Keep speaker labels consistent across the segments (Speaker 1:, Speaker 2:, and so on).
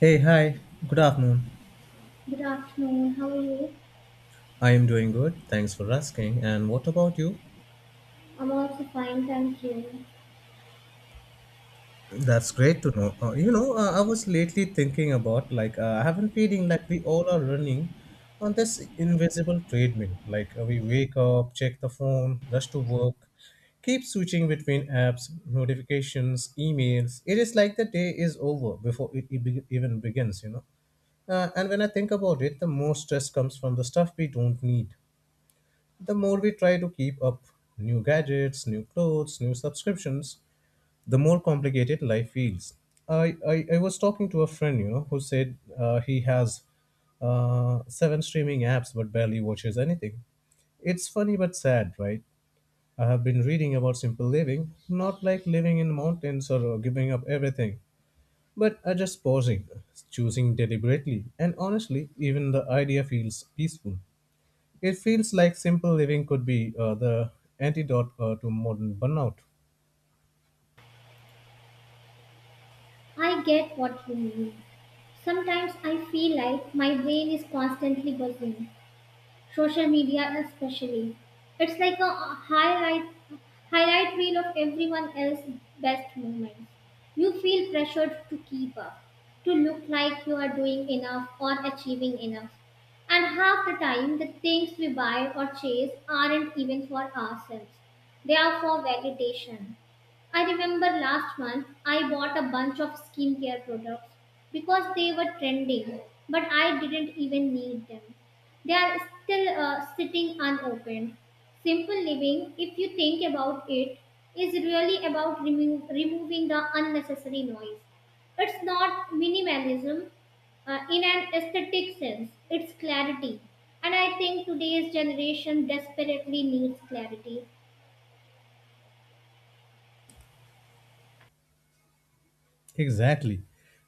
Speaker 1: Hey, hi, good afternoon.
Speaker 2: Good afternoon. How are you?
Speaker 1: I am doing good. Thanks for asking. And what about you?
Speaker 2: I'm also fine, thank you.
Speaker 1: That's great to know. I was lately thinking about like I have been feeling like we all are running on this invisible treadmill. We wake up, check the phone, rush to work, keep switching between apps, notifications, emails. It is like the day is over before even begins. And when I think about it, the most stress comes from the stuff we don't need. The more we try to keep up, new gadgets, new clothes, new subscriptions, the more complicated life feels. I was talking to a friend, you know, who said he has seven streaming apps but barely watches anything. It's funny but sad, right? I have been reading about simple living, not like living in mountains or giving up everything, but just pausing, choosing deliberately, and honestly, even the idea feels peaceful. It feels like simple living could be the antidote to modern burnout.
Speaker 2: I get what you mean. Sometimes I feel like my brain is constantly buzzing. Social media especially. It's like a highlight reel of everyone else's best moments. You feel pressured to keep up, to look like you are doing enough or achieving enough. And half the time, the things we buy or chase aren't even for ourselves. They are for validation. I remember last month I bought a bunch of skincare products because they were trending, but I didn't even need them. They are still sitting unopened. Simple living, if you think about it, is really about removing the unnecessary noise. It's not minimalism in an aesthetic sense, it's clarity. And I think today's generation desperately needs clarity.
Speaker 1: Exactly.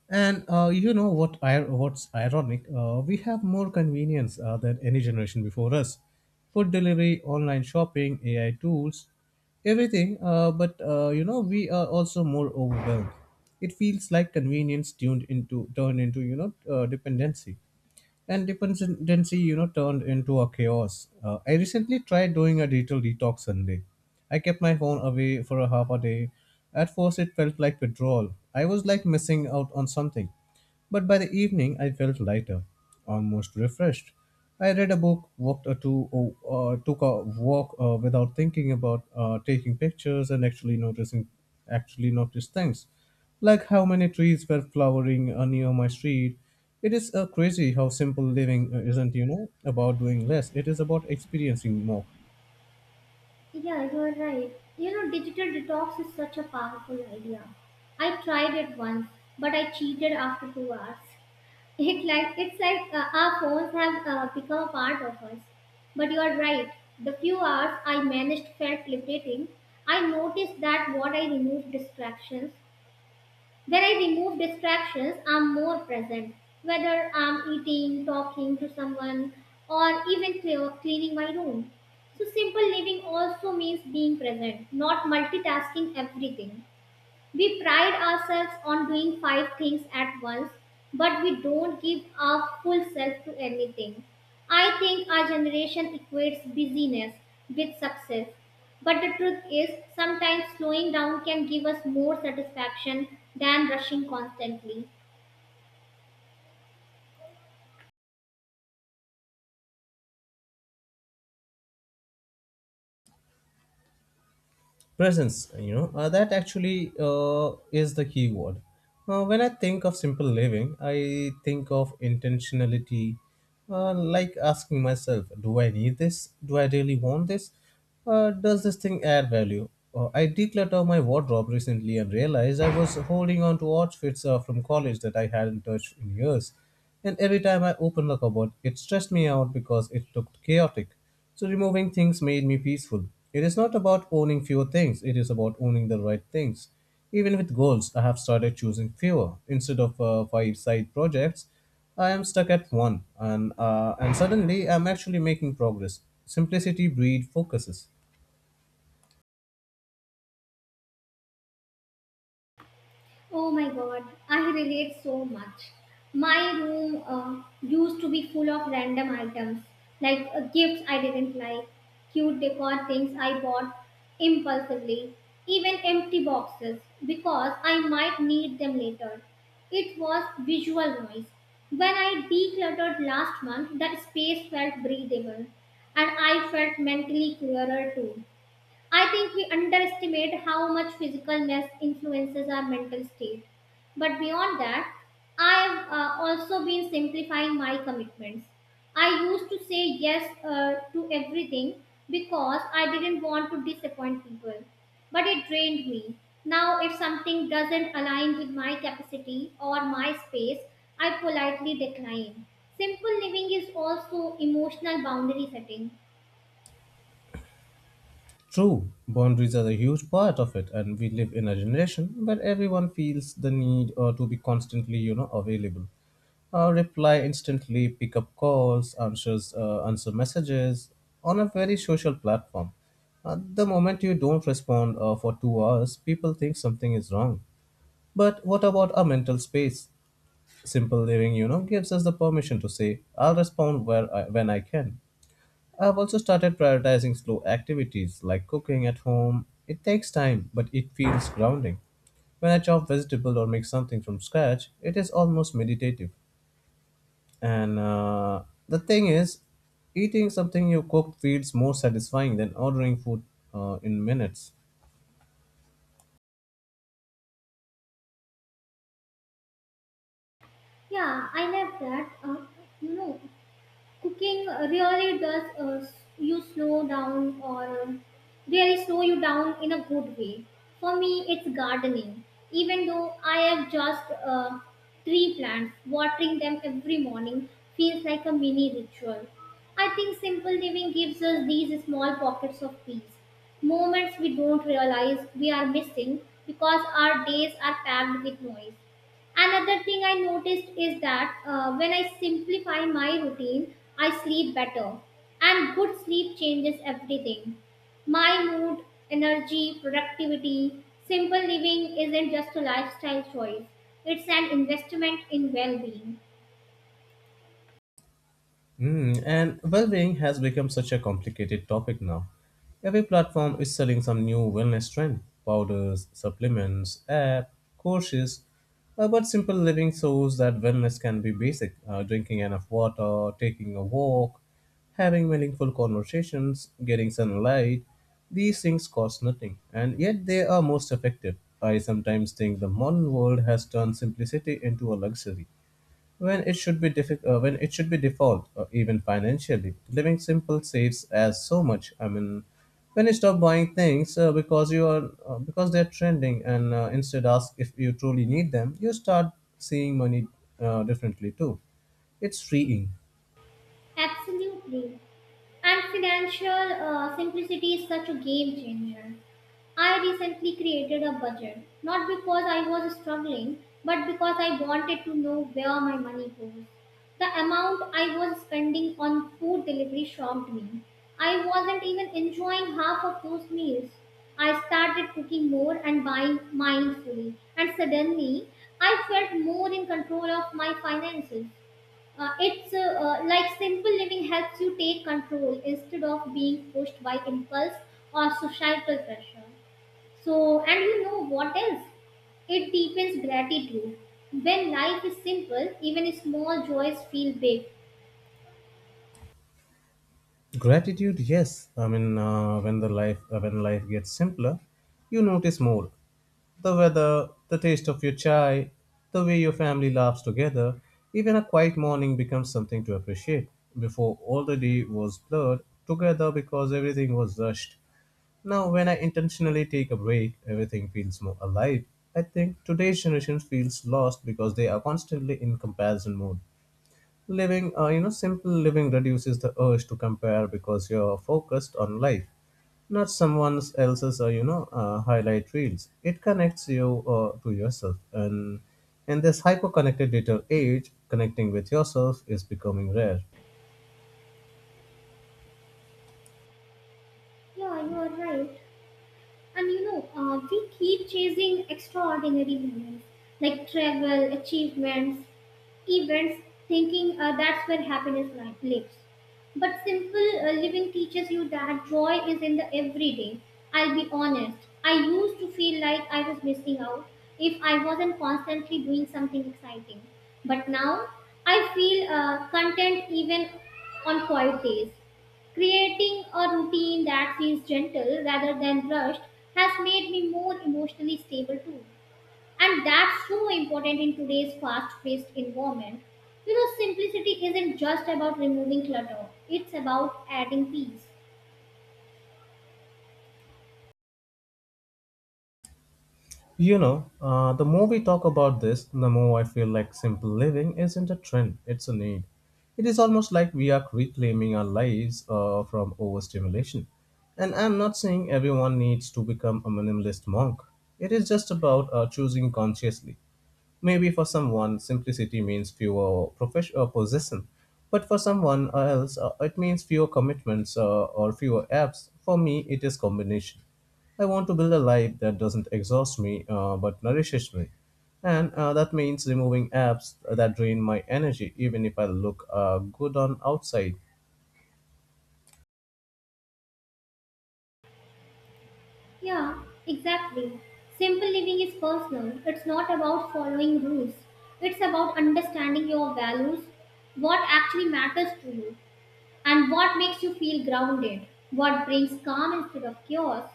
Speaker 1: And you know what? What's ironic? We have more convenience than any generation before us. Food delivery, online shopping, AI tools, everything. But You know, we are also more overwhelmed. It feels like convenience tuned into turned into, you know, dependency. And dependency, you know, turned into a chaos. I recently tried doing a digital detox Sunday. I kept my phone away for a half a day. At first it felt like withdrawal. I was like missing out on something, but by the evening I felt lighter, almost refreshed. I read a book, walked a took a walk without thinking about taking pictures and actually noticed things, like how many trees were flowering near my street. It is crazy how simple living isn't, you know, about doing less. It is about experiencing more.
Speaker 2: Yeah, you're right. You know, digital detox is such a powerful idea. I tried it once, but I cheated after two hours. It's like our phones have become a part of us. But you are right. The few hours I managed felt liberating. I noticed that what I remove distractions. When I remove distractions, I'm more present. Whether I'm eating, talking to someone, or even cleaning my room. So simple living also means being present, not multitasking everything. We pride ourselves on doing five things at once, but we don't give our full self to anything. I think our generation equates busyness with success. But the truth is, sometimes slowing down can give us more satisfaction than rushing constantly.
Speaker 1: Presence, you know, that actually is the key word. When I think of simple living, I think of intentionality, like asking myself, do I need this? Do I really want this? Does this thing add value? I decluttered my wardrobe recently and realized I was holding on to outfits from college that I hadn't touched in years, and every time I opened the cupboard it stressed me out because it looked chaotic. So removing things made me peaceful. It is not about owning fewer things, it is about owning the right things. Even with goals, I have started choosing fewer. Instead of five side projects, I am stuck at one, and suddenly I'm actually making progress. Simplicity breed focuses.
Speaker 2: Oh my god, I relate so much. My room used to be full of random items like gifts I didn't like, cute decor things I bought impulsively, even empty boxes because I might need them later. It was visual noise. When I decluttered last month, that space felt breathable and I felt mentally clearer too. I think we underestimate how much physical mess influences our mental state. But beyond that, I have also been simplifying my commitments. I used to say yes to everything because I didn't want to disappoint people. But it drained me. Now, if something doesn't align with my capacity or my space, I politely decline. Simple living is also emotional boundary setting.
Speaker 1: True, boundaries are a huge part of it, and we live in a generation where everyone feels the need to be constantly, you know, available. Reply instantly, pick up calls, answer messages on a very social platform. The moment you don't respond for 2 hours, people think something is wrong. But what about our mental space? Simple living, you know, gives us the permission to say, I'll respond when I can. I've also started prioritizing slow activities like cooking at home. It takes time, but it feels grounding. When I chop vegetable or make something from scratch, it is almost meditative. And the thing is, eating something you cooked feels more satisfying than ordering food in minutes.
Speaker 2: Yeah, I love that. You know. Cooking really does, you slow down, or really slow you down in a good way. For me, it's gardening. Even though I have just tree plants, watering them every morning feels like a mini ritual. I think simple living gives us these small pockets of peace, moments we don't realize we are missing because our days are packed with noise. Another thing I noticed is that when I simplify my routine, I sleep better. And good sleep changes everything. My mood, energy, productivity, simple living isn't just a lifestyle choice, it's an investment in well being.
Speaker 1: Mm, and well-being has become such a complicated topic now. Every platform is selling some new wellness trend, powders, supplements, app, courses. But simple living shows that wellness can be basic: drinking enough water, taking a walk, having meaningful conversations, getting sunlight. These things cost nothing, and yet they are most effective. I sometimes think the modern world has turned simplicity into a luxury when it should be default, or even financially, living simple saves as so much. I mean, when you stop buying things because you are because they're trending, and instead ask if you truly need them, you start seeing money differently too. It's freeing.
Speaker 2: Absolutely. And financial simplicity is such a game changer. I recently created a budget, not because I was struggling, but because I wanted to know where my money goes. The amount I was spending on food delivery shocked me. I wasn't even enjoying half of those meals. I started cooking more and buying mindfully, and suddenly I felt more in control of my finances. It's Like simple living helps you take control instead of being pushed by impulse or societal pressure. So, and you know what else? It deepens gratitude. When life is simple, even small joys feel big.
Speaker 1: Gratitude, yes. I mean, when life gets simpler, you notice more. The weather, the taste of your chai, the way your family laughs together, even a quiet morning becomes something to appreciate. Before, all the day was blurred together because everything was rushed. Now, when I intentionally take a break, everything feels more alive. I think today's generation feels lost because they are constantly in comparison mode. Living You know, simple living reduces the urge to compare because you're focused on life, not someone else's, highlight reels. It connects you to yourself, and in this hyper connected digital age, connecting with yourself is becoming rare.
Speaker 2: Yeah, you are right. And you know, we keep chasing extraordinary moments like travel, achievements, events, thinking that's where happiness lives. But simple living teaches you that joy is in the everyday. I'll be honest, I used to feel like I was missing out if I wasn't constantly doing something exciting. But now I feel content even on quiet days. Creating a routine that feels gentle rather than rushed has made me more emotionally stable too. And that's so important in today's fast paced environment. You know, simplicity isn't just about removing clutter, it's about adding peace.
Speaker 1: You know, the more we talk about this, the more I feel like simple living isn't a trend, it's a need. It is almost like we are reclaiming our lives from overstimulation. And I'm not saying everyone needs to become a minimalist monk, it is just about choosing consciously. Maybe for someone, simplicity means fewer profession possession, but for someone else, it means fewer commitments or fewer apps. For me, it is combination. I want to build a life that doesn't exhaust me but nourishes me, and that means removing apps that drain my energy, even if I look good on outside.
Speaker 2: Yeah, exactly. Simple living is personal, it's not about following rules, it's about understanding your values, what actually matters to you, and what makes you feel grounded, what brings calm instead of chaos.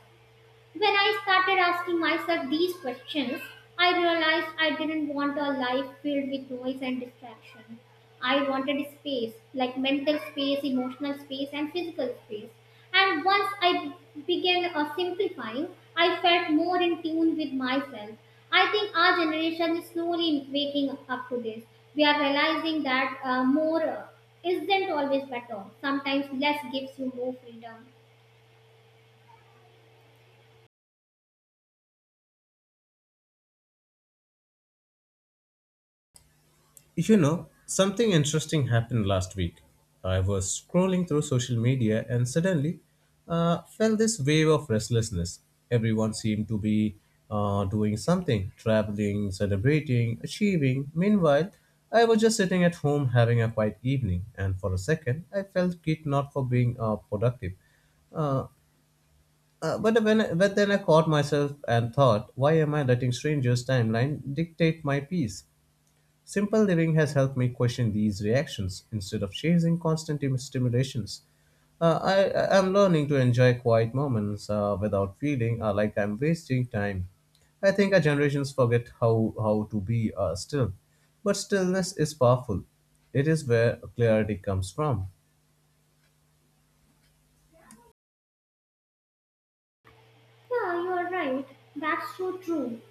Speaker 2: When I started asking myself these questions, I realized I didn't want a life filled with noise and distraction. I wanted space, like mental space, emotional space, and physical space. And once I began simplifying, I felt more in tune with myself. I think our generation is slowly waking up to this. We are realizing that more isn't always better. Sometimes less gives you more freedom.
Speaker 1: You know, something interesting happened last week. I was scrolling through social media and suddenly felt this wave of restlessness. Everyone seemed to be doing something, traveling, celebrating, achieving. Meanwhile, I was just sitting at home having a quiet evening, and for a second, I felt guilt, not for being productive. Uh, but then I caught myself and thought, why am I letting strangers' timeline dictate my peace? Simple living has helped me question these reactions instead of chasing constant stimulations. I'm learning to enjoy quiet moments without feeling like I'm wasting time. I think our generations forget how to be still, but stillness is powerful. It is where clarity comes from.
Speaker 2: Yeah, you are right. That's so true.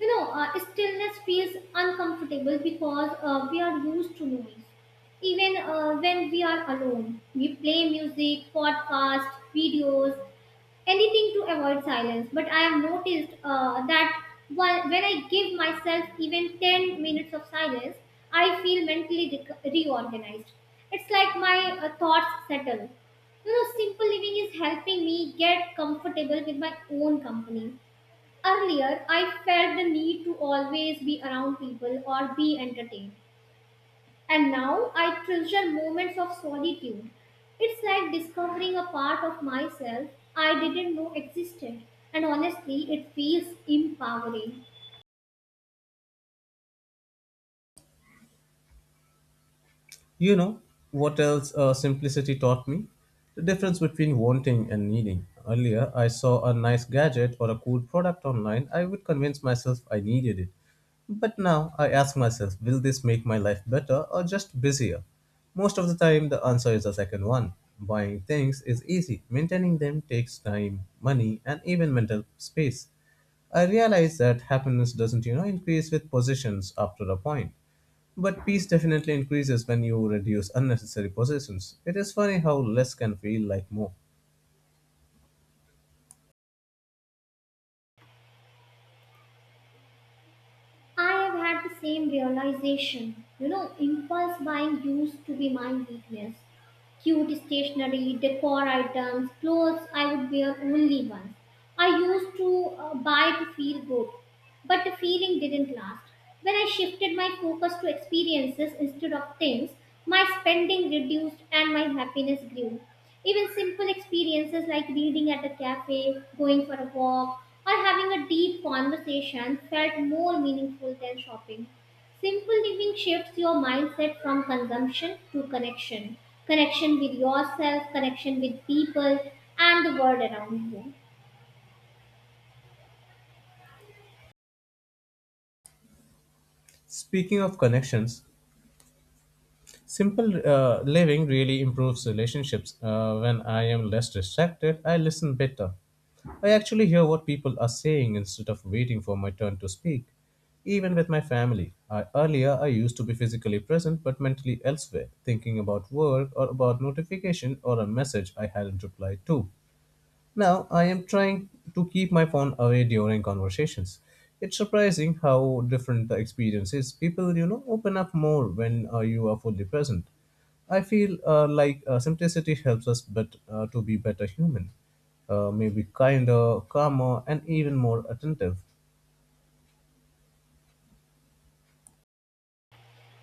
Speaker 2: You know, stillness feels uncomfortable because we are used to noise. Even when we are alone, we play music, podcasts, videos, anything to avoid silence. But I have noticed that when I give myself even 10 minutes of silence, I feel mentally reorganized. It's like my thoughts settle. You know, simple living is helping me get comfortable with my own company. Earlier, I felt the need to always be around people or be entertained, and now I treasure moments of solitude. It's like discovering a part of myself I didn't know existed. And honestly, it feels empowering.
Speaker 1: You know what else, simplicity taught me? The difference between wanting and needing. Earlier, I saw a nice gadget or a cool product online. I would convince myself I needed it. But now I ask myself, will this make my life better or just busier? Most of the time, the answer is the second one. Buying things is easy, maintaining them takes time, money, and even mental space. I realize that happiness doesn't, you know, increase with possessions after a point. But peace definitely increases when you reduce unnecessary possessions. It is funny how less can feel like more.
Speaker 2: I have had the same realization. You know, impulse buying used to be my weakness. Cute stationery, decor items, clothes I would wear only once. I used to buy to feel good, but the feeling didn't last. When I shifted my focus to experiences instead of things, my spending reduced and my happiness grew. Even simple experiences like reading at a cafe, going for a walk, or having a deep conversation felt more meaningful than shopping. Simple living shifts your mindset from consumption to connection. Connection with yourself, connection with people, and the world around you.
Speaker 1: Speaking of connections, simple living really improves relationships. When I am less distracted, I listen better. I actually hear what people are saying instead of waiting for my turn to speak. Even with my family, earlier I used to be physically present but mentally elsewhere, thinking about work or about notification or a message I hadn't replied to. Now, I am trying to keep my phone away during conversations. It's surprising how different the experience is. People, you know, open up more when you are fully present. I feel simplicity helps us but to be better human, maybe kinder, calmer, and even more attentive.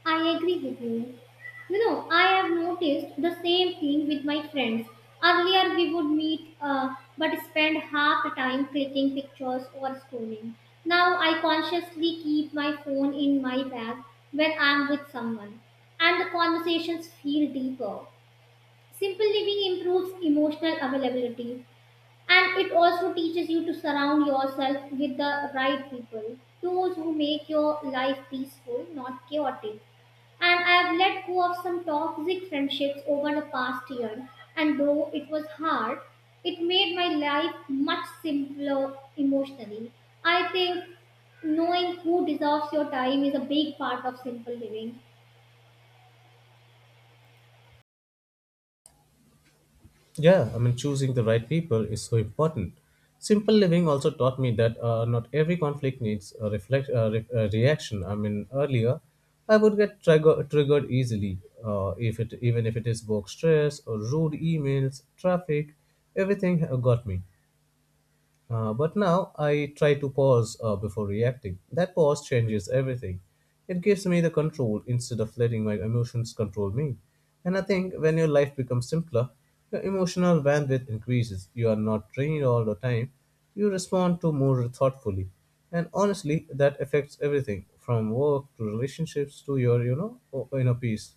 Speaker 2: I agree with you. You know, I have noticed the same thing with my friends. Earlier, we would meet but spend half the time clicking pictures or scrolling. Now, I consciously keep my phone in my bag when I'm with someone, and the conversations feel deeper. Simple living improves emotional availability and it also teaches you to surround yourself with the right people, those who make your life peaceful, not chaotic. And I have let go of some toxic friendships over the past year, and though it was hard, it made my life much simpler emotionally. I think knowing who deserves your time is a big part of simple living.
Speaker 1: Yeah, I mean, choosing the right people is so important. Simple living also taught me that not every conflict needs a a reaction. I mean, earlier, I would get triggered easily, if it even if it is work stress or rude emails, traffic, everything got me. But now I try to pause before reacting. That pause changes everything. It gives me the control instead of letting my emotions control me. And I think when your life becomes simpler, your emotional bandwidth increases. You are not drained all the time. You respond to more thoughtfully. And honestly, that affects everything from work to relationships to your, you know, inner peace.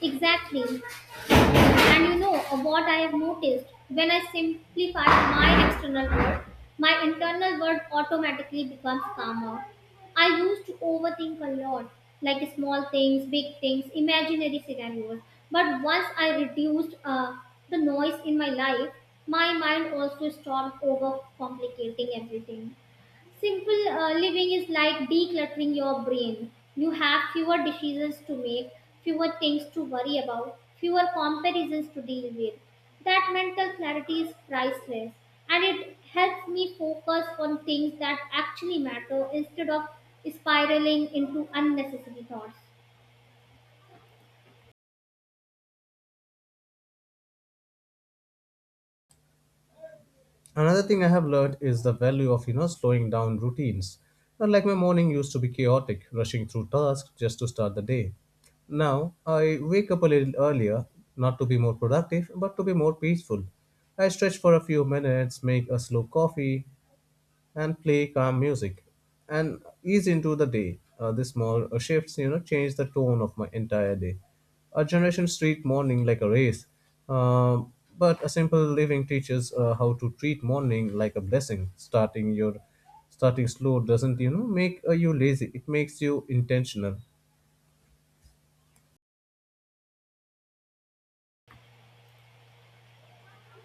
Speaker 2: Exactly. And you know what I have noticed? When I simplify my external world, my internal world automatically becomes calmer. I used to overthink a lot, like small things, big things, imaginary scenarios. But once I reduced the noise in my life, my mind also stopped overcomplicating everything. Simple living is like decluttering your brain. You have fewer decisions to make, fewer things to worry about, fewer comparisons to deal with. That mental clarity is priceless and it helps me focus on things that actually matter instead of spiraling into unnecessary thoughts.
Speaker 1: Another thing I have learned is the value of, you know, slowing down routines. Not like my morning used to be chaotic, rushing through tasks just to start the day. Now I wake up a little earlier, not to be more productive, but to be more peaceful. I stretch for a few minutes, make a slow coffee, and play calm music, and ease into the day. The small shifts, you know, change the tone of my entire day. A generation treat morning like a race, um, but a simple living teaches how to treat morning like a blessing. Starting slow doesn't make you lazy. It makes you intentional.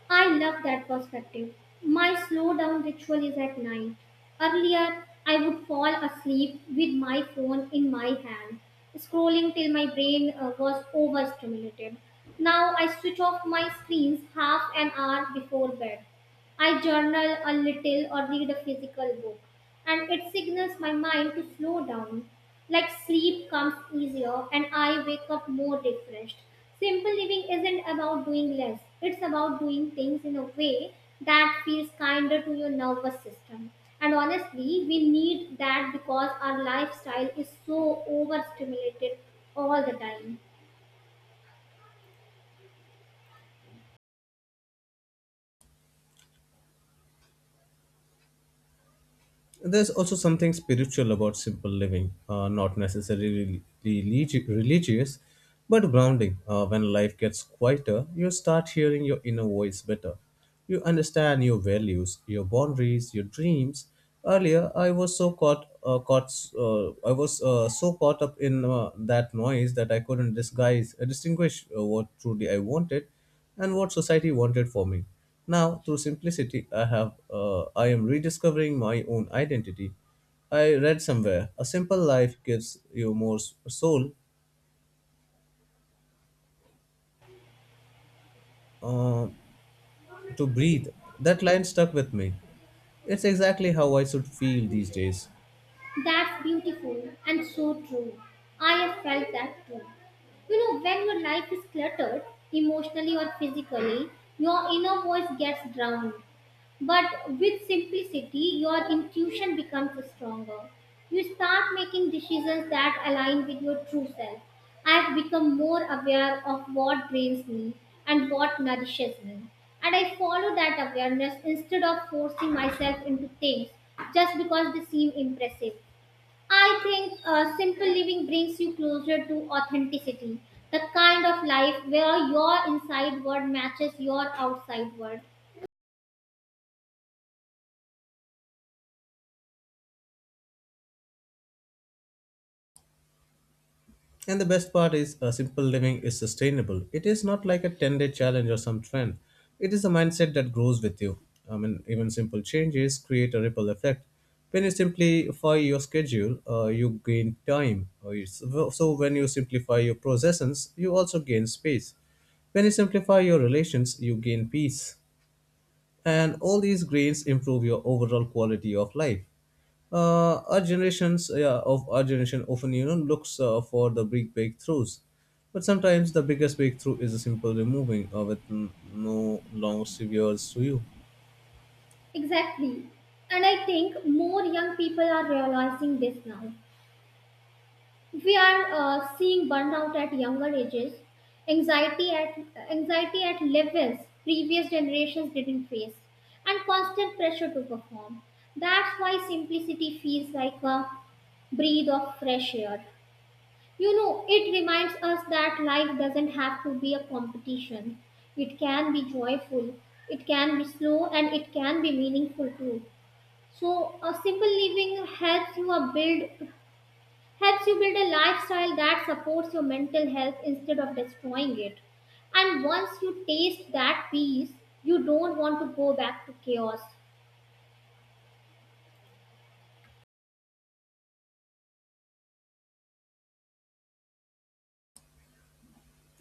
Speaker 2: I love that perspective. My slow down ritual is at night. Earlier, I would fall asleep with my phone in my hand, scrolling till my brain was overstimulated. Now I switch off my screens half an hour before bed. I journal a little or read a physical book, and it signals my mind to slow down. Like sleep comes easier, and I wake up more refreshed. Simple living isn't about doing less, it's about doing things in a way that feels kinder to your nervous system. And honestly, we need that because our lifestyle is so overstimulated all the time.
Speaker 1: There's also something spiritual about simple living, not necessarily religious, but grounding. When life gets quieter, you start hearing your inner voice better. You understand your values, your boundaries, your dreams. Earlier, I was so caught up in that noise that I couldn't distinguish what truly I wanted and what society wanted for me. Now, through simplicity, I am rediscovering my own identity. I read somewhere a simple life gives you more soul uh, to breathe. That line stuck with me. It's exactly how I should feel these days.
Speaker 2: That's beautiful and so true. I have felt that too. You know, when your life is cluttered, emotionally or physically, your inner voice gets drowned. But with simplicity, your intuition becomes stronger. You start making decisions that align with your true self. I have become more aware of what drains me and what nourishes me. And I follow that awareness instead of forcing myself into things just because they seem impressive. I think simple living brings you closer to authenticity, the kind of life where your inside world matches your outside world.
Speaker 1: And the best part is, simple living is sustainable. It is not like a 10-day challenge or some trend. It is a mindset that grows with you. I mean, even simple changes create a ripple effect. When you simplify your schedule, you gain time. So, when you simplify your possessions, you also gain space. When you simplify your relations, you gain peace. And all these gains improve your overall quality of life. Our generations Yeah, of our generation often looks for the big breakthroughs, but sometimes the biggest breakthrough is a simple removing with no long severs to you.
Speaker 2: Exactly. And I think more young people are realizing this now. We are seeing burnout at younger ages, anxiety at anxiety at levels previous generations didn't face, and constant pressure to perform. That's why simplicity feels like a breath of fresh air. You know, it reminds us that life doesn't have to be a competition. It can be joyful, it can be slow, and it can be meaningful too. So, a simple living helps you build a lifestyle that supports your mental health instead of destroying it. And once you taste that peace, you don't want to go back to chaos.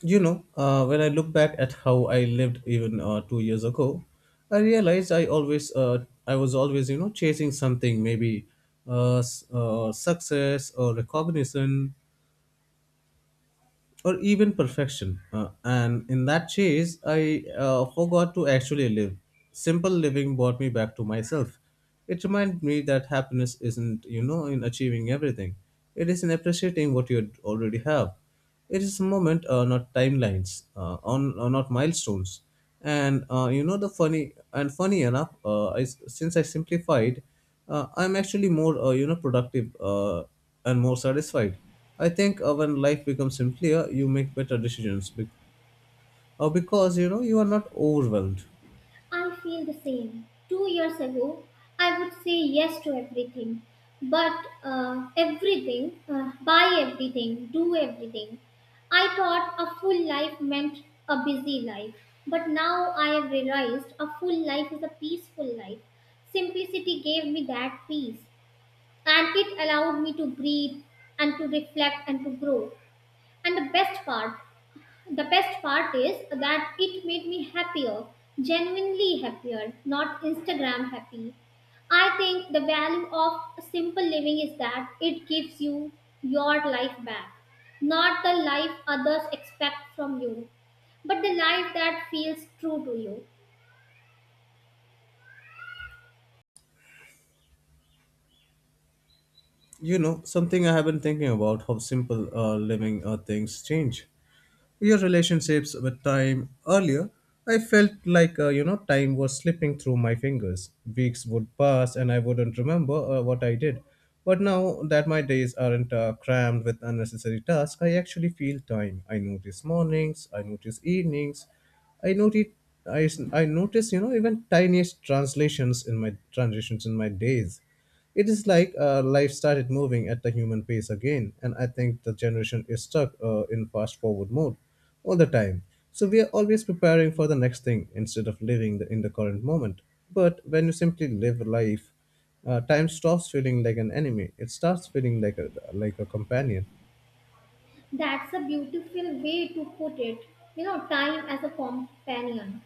Speaker 1: You know uh, when I look back at how I lived even 2 years ago, I realized I was always chasing something, maybe success or recognition or even perfection. And in that chase, I forgot to actually live. Simple living brought me back to myself. It reminded me that happiness isn't in achieving everything. It is in appreciating what you already have. It is a moment, not timelines, on not milestones. And you know the funny and funny enough, since I simplified, I'm actually more productive and more satisfied. I think when life becomes simpler, you make better decisions because you are not overwhelmed.
Speaker 2: I feel the same. Two years ago, I would say yes to everything, but everything, buy everything, do everything. I thought a full life meant a busy life, but now I have realized a full life is a peaceful life. Simplicity gave me that peace, and it allowed me to breathe and to reflect and to grow. And the best part is that it made me happier, genuinely happier, not Instagram happy. I think the value of simple living is that it gives you your life back, not the life others expect from you, but the life that feels true to you.
Speaker 1: You know something, I have been thinking about how simple living things change. Your relationships with time. Earlier, I felt like time was slipping through my fingers. Weeks would pass and I wouldn't remember what I did. But now that my days aren't crammed with unnecessary tasks, I actually feel time. I notice mornings, I notice evenings. I noted I, I notice even tiniest translations in my transitions in my days. It is like life started moving at the human pace again, and I think the generation is stuck in fast forward mode all the time. So we are always preparing for the next thing instead of living in the current moment. But when you simply live life, time stops feeling like an enemy. It starts feeling like a companion.
Speaker 2: That's a beautiful way to put it. You know, time as a companion.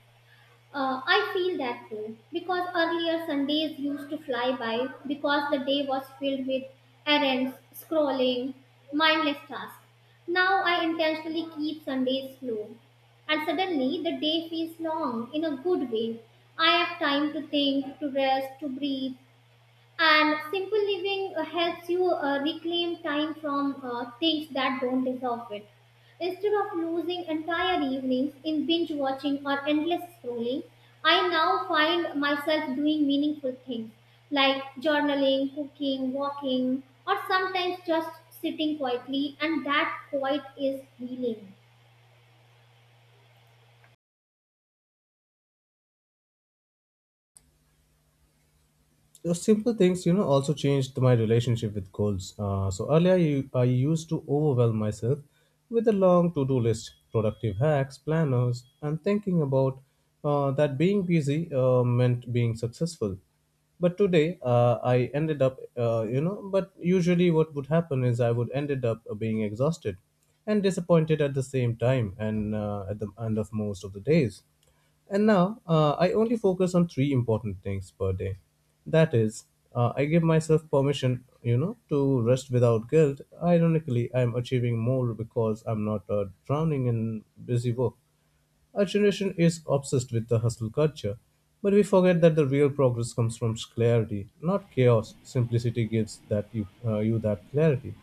Speaker 2: I feel that too because earlier Sundays used to fly by because the day was filled with errands, scrolling, mindless tasks. Now I intentionally keep Sundays slow and suddenly the day feels long in a good way. I have time to think, to rest, to breathe, and simple living helps you reclaim time from things that don't deserve it. Instead of losing entire evenings in binge watching or endless scrolling, I now find myself doing meaningful things like journaling, cooking, walking, or sometimes just sitting quietly, and that quiet is healing.
Speaker 1: Those simple things also changed my relationship with goals. So earlier, I used to overwhelm myself with a long to-do list, productive hacks, planners, and thinking about that being busy meant being successful. But today, I ended up, you know, but usually what would happen is I would ended up being exhausted and disappointed at the same time and at the end of most of the days. And now I only focus on three important things per day. That is, I give myself permission, to rest without guilt. Ironically, I'm achieving more because I'm not drowning in busy work. Our generation is obsessed with the hustle culture, but we forget that the real progress comes from clarity, not chaos. Simplicity gives you that clarity.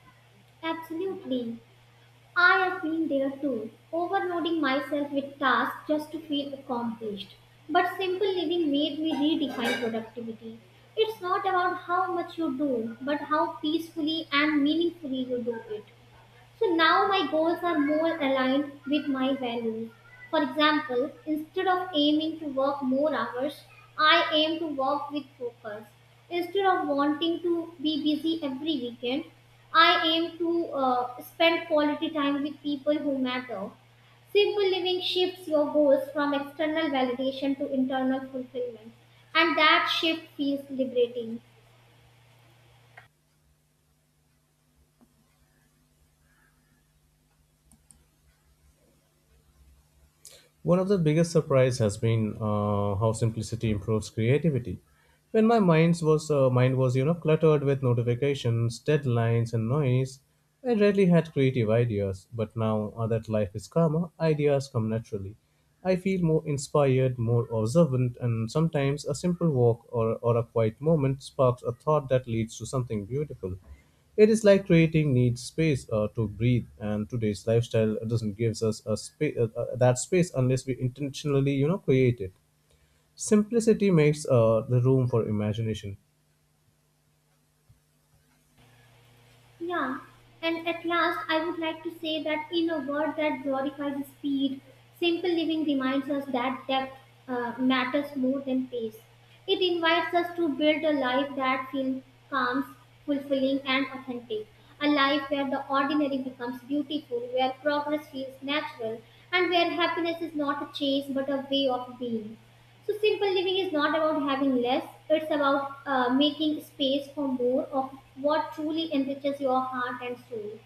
Speaker 2: Absolutely. I have been there too, overloading myself with tasks just to feel accomplished. But simple living made me redefine productivity. It's not about how much you do, but how peacefully and meaningfully you do it. So now my goals are more aligned with my values. For example, instead of aiming to work more hours, I aim to work with focus. Instead of wanting to be busy every weekend, I aim to spend quality time with people who matter. Simple living shifts your goals from external validation to internal fulfillment, and that shift feels liberating.
Speaker 1: One of the biggest surprise has been how simplicity improves creativity. When my mind was cluttered with notifications, deadlines, and noise. I rarely had creative ideas. But now that life is calmer, ideas come naturally. I feel more inspired, more observant, and sometimes a simple walk or a quiet moment sparks a thought that leads to something beautiful. It is like creating needs space to breathe, and today's lifestyle doesn't give us that space unless we intentionally, create it. Simplicity makes the room for imagination.
Speaker 2: Yeah, and at last, I would like to say that in a world that glorifies speed, simple living reminds us that depth matters more than pace. It invites us to build a life that feels calm, fulfilling, and authentic. A life where the ordinary becomes beautiful, where progress feels natural, and where happiness is not a chase but a way of being. So simple living is not about having less; it's about making space for more of what truly enriches your heart and soul.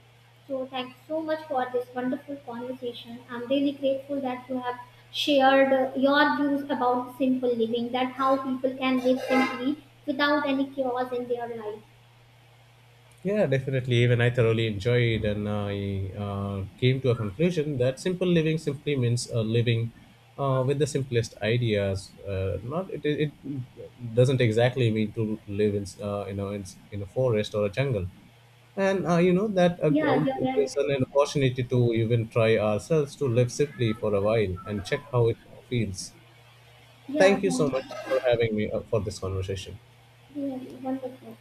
Speaker 2: So thank you so much for this wonderful conversation. I'm really grateful that you have shared your views about simple living, that how people can live simply without any chaos in their life.
Speaker 1: Yeah, definitely. Even I thoroughly enjoyed, and I came to a conclusion that simple living simply means living with the simplest ideas. Not, it doesn't exactly mean to live in in a forest or a jungle. And that
Speaker 2: Yeah, you're right.
Speaker 1: gives us an opportunity to even try ourselves to live simply for a while and check how it feels.
Speaker 2: Yeah,
Speaker 1: Thank you so much for having me for this conversation.
Speaker 2: yeah, wonderful.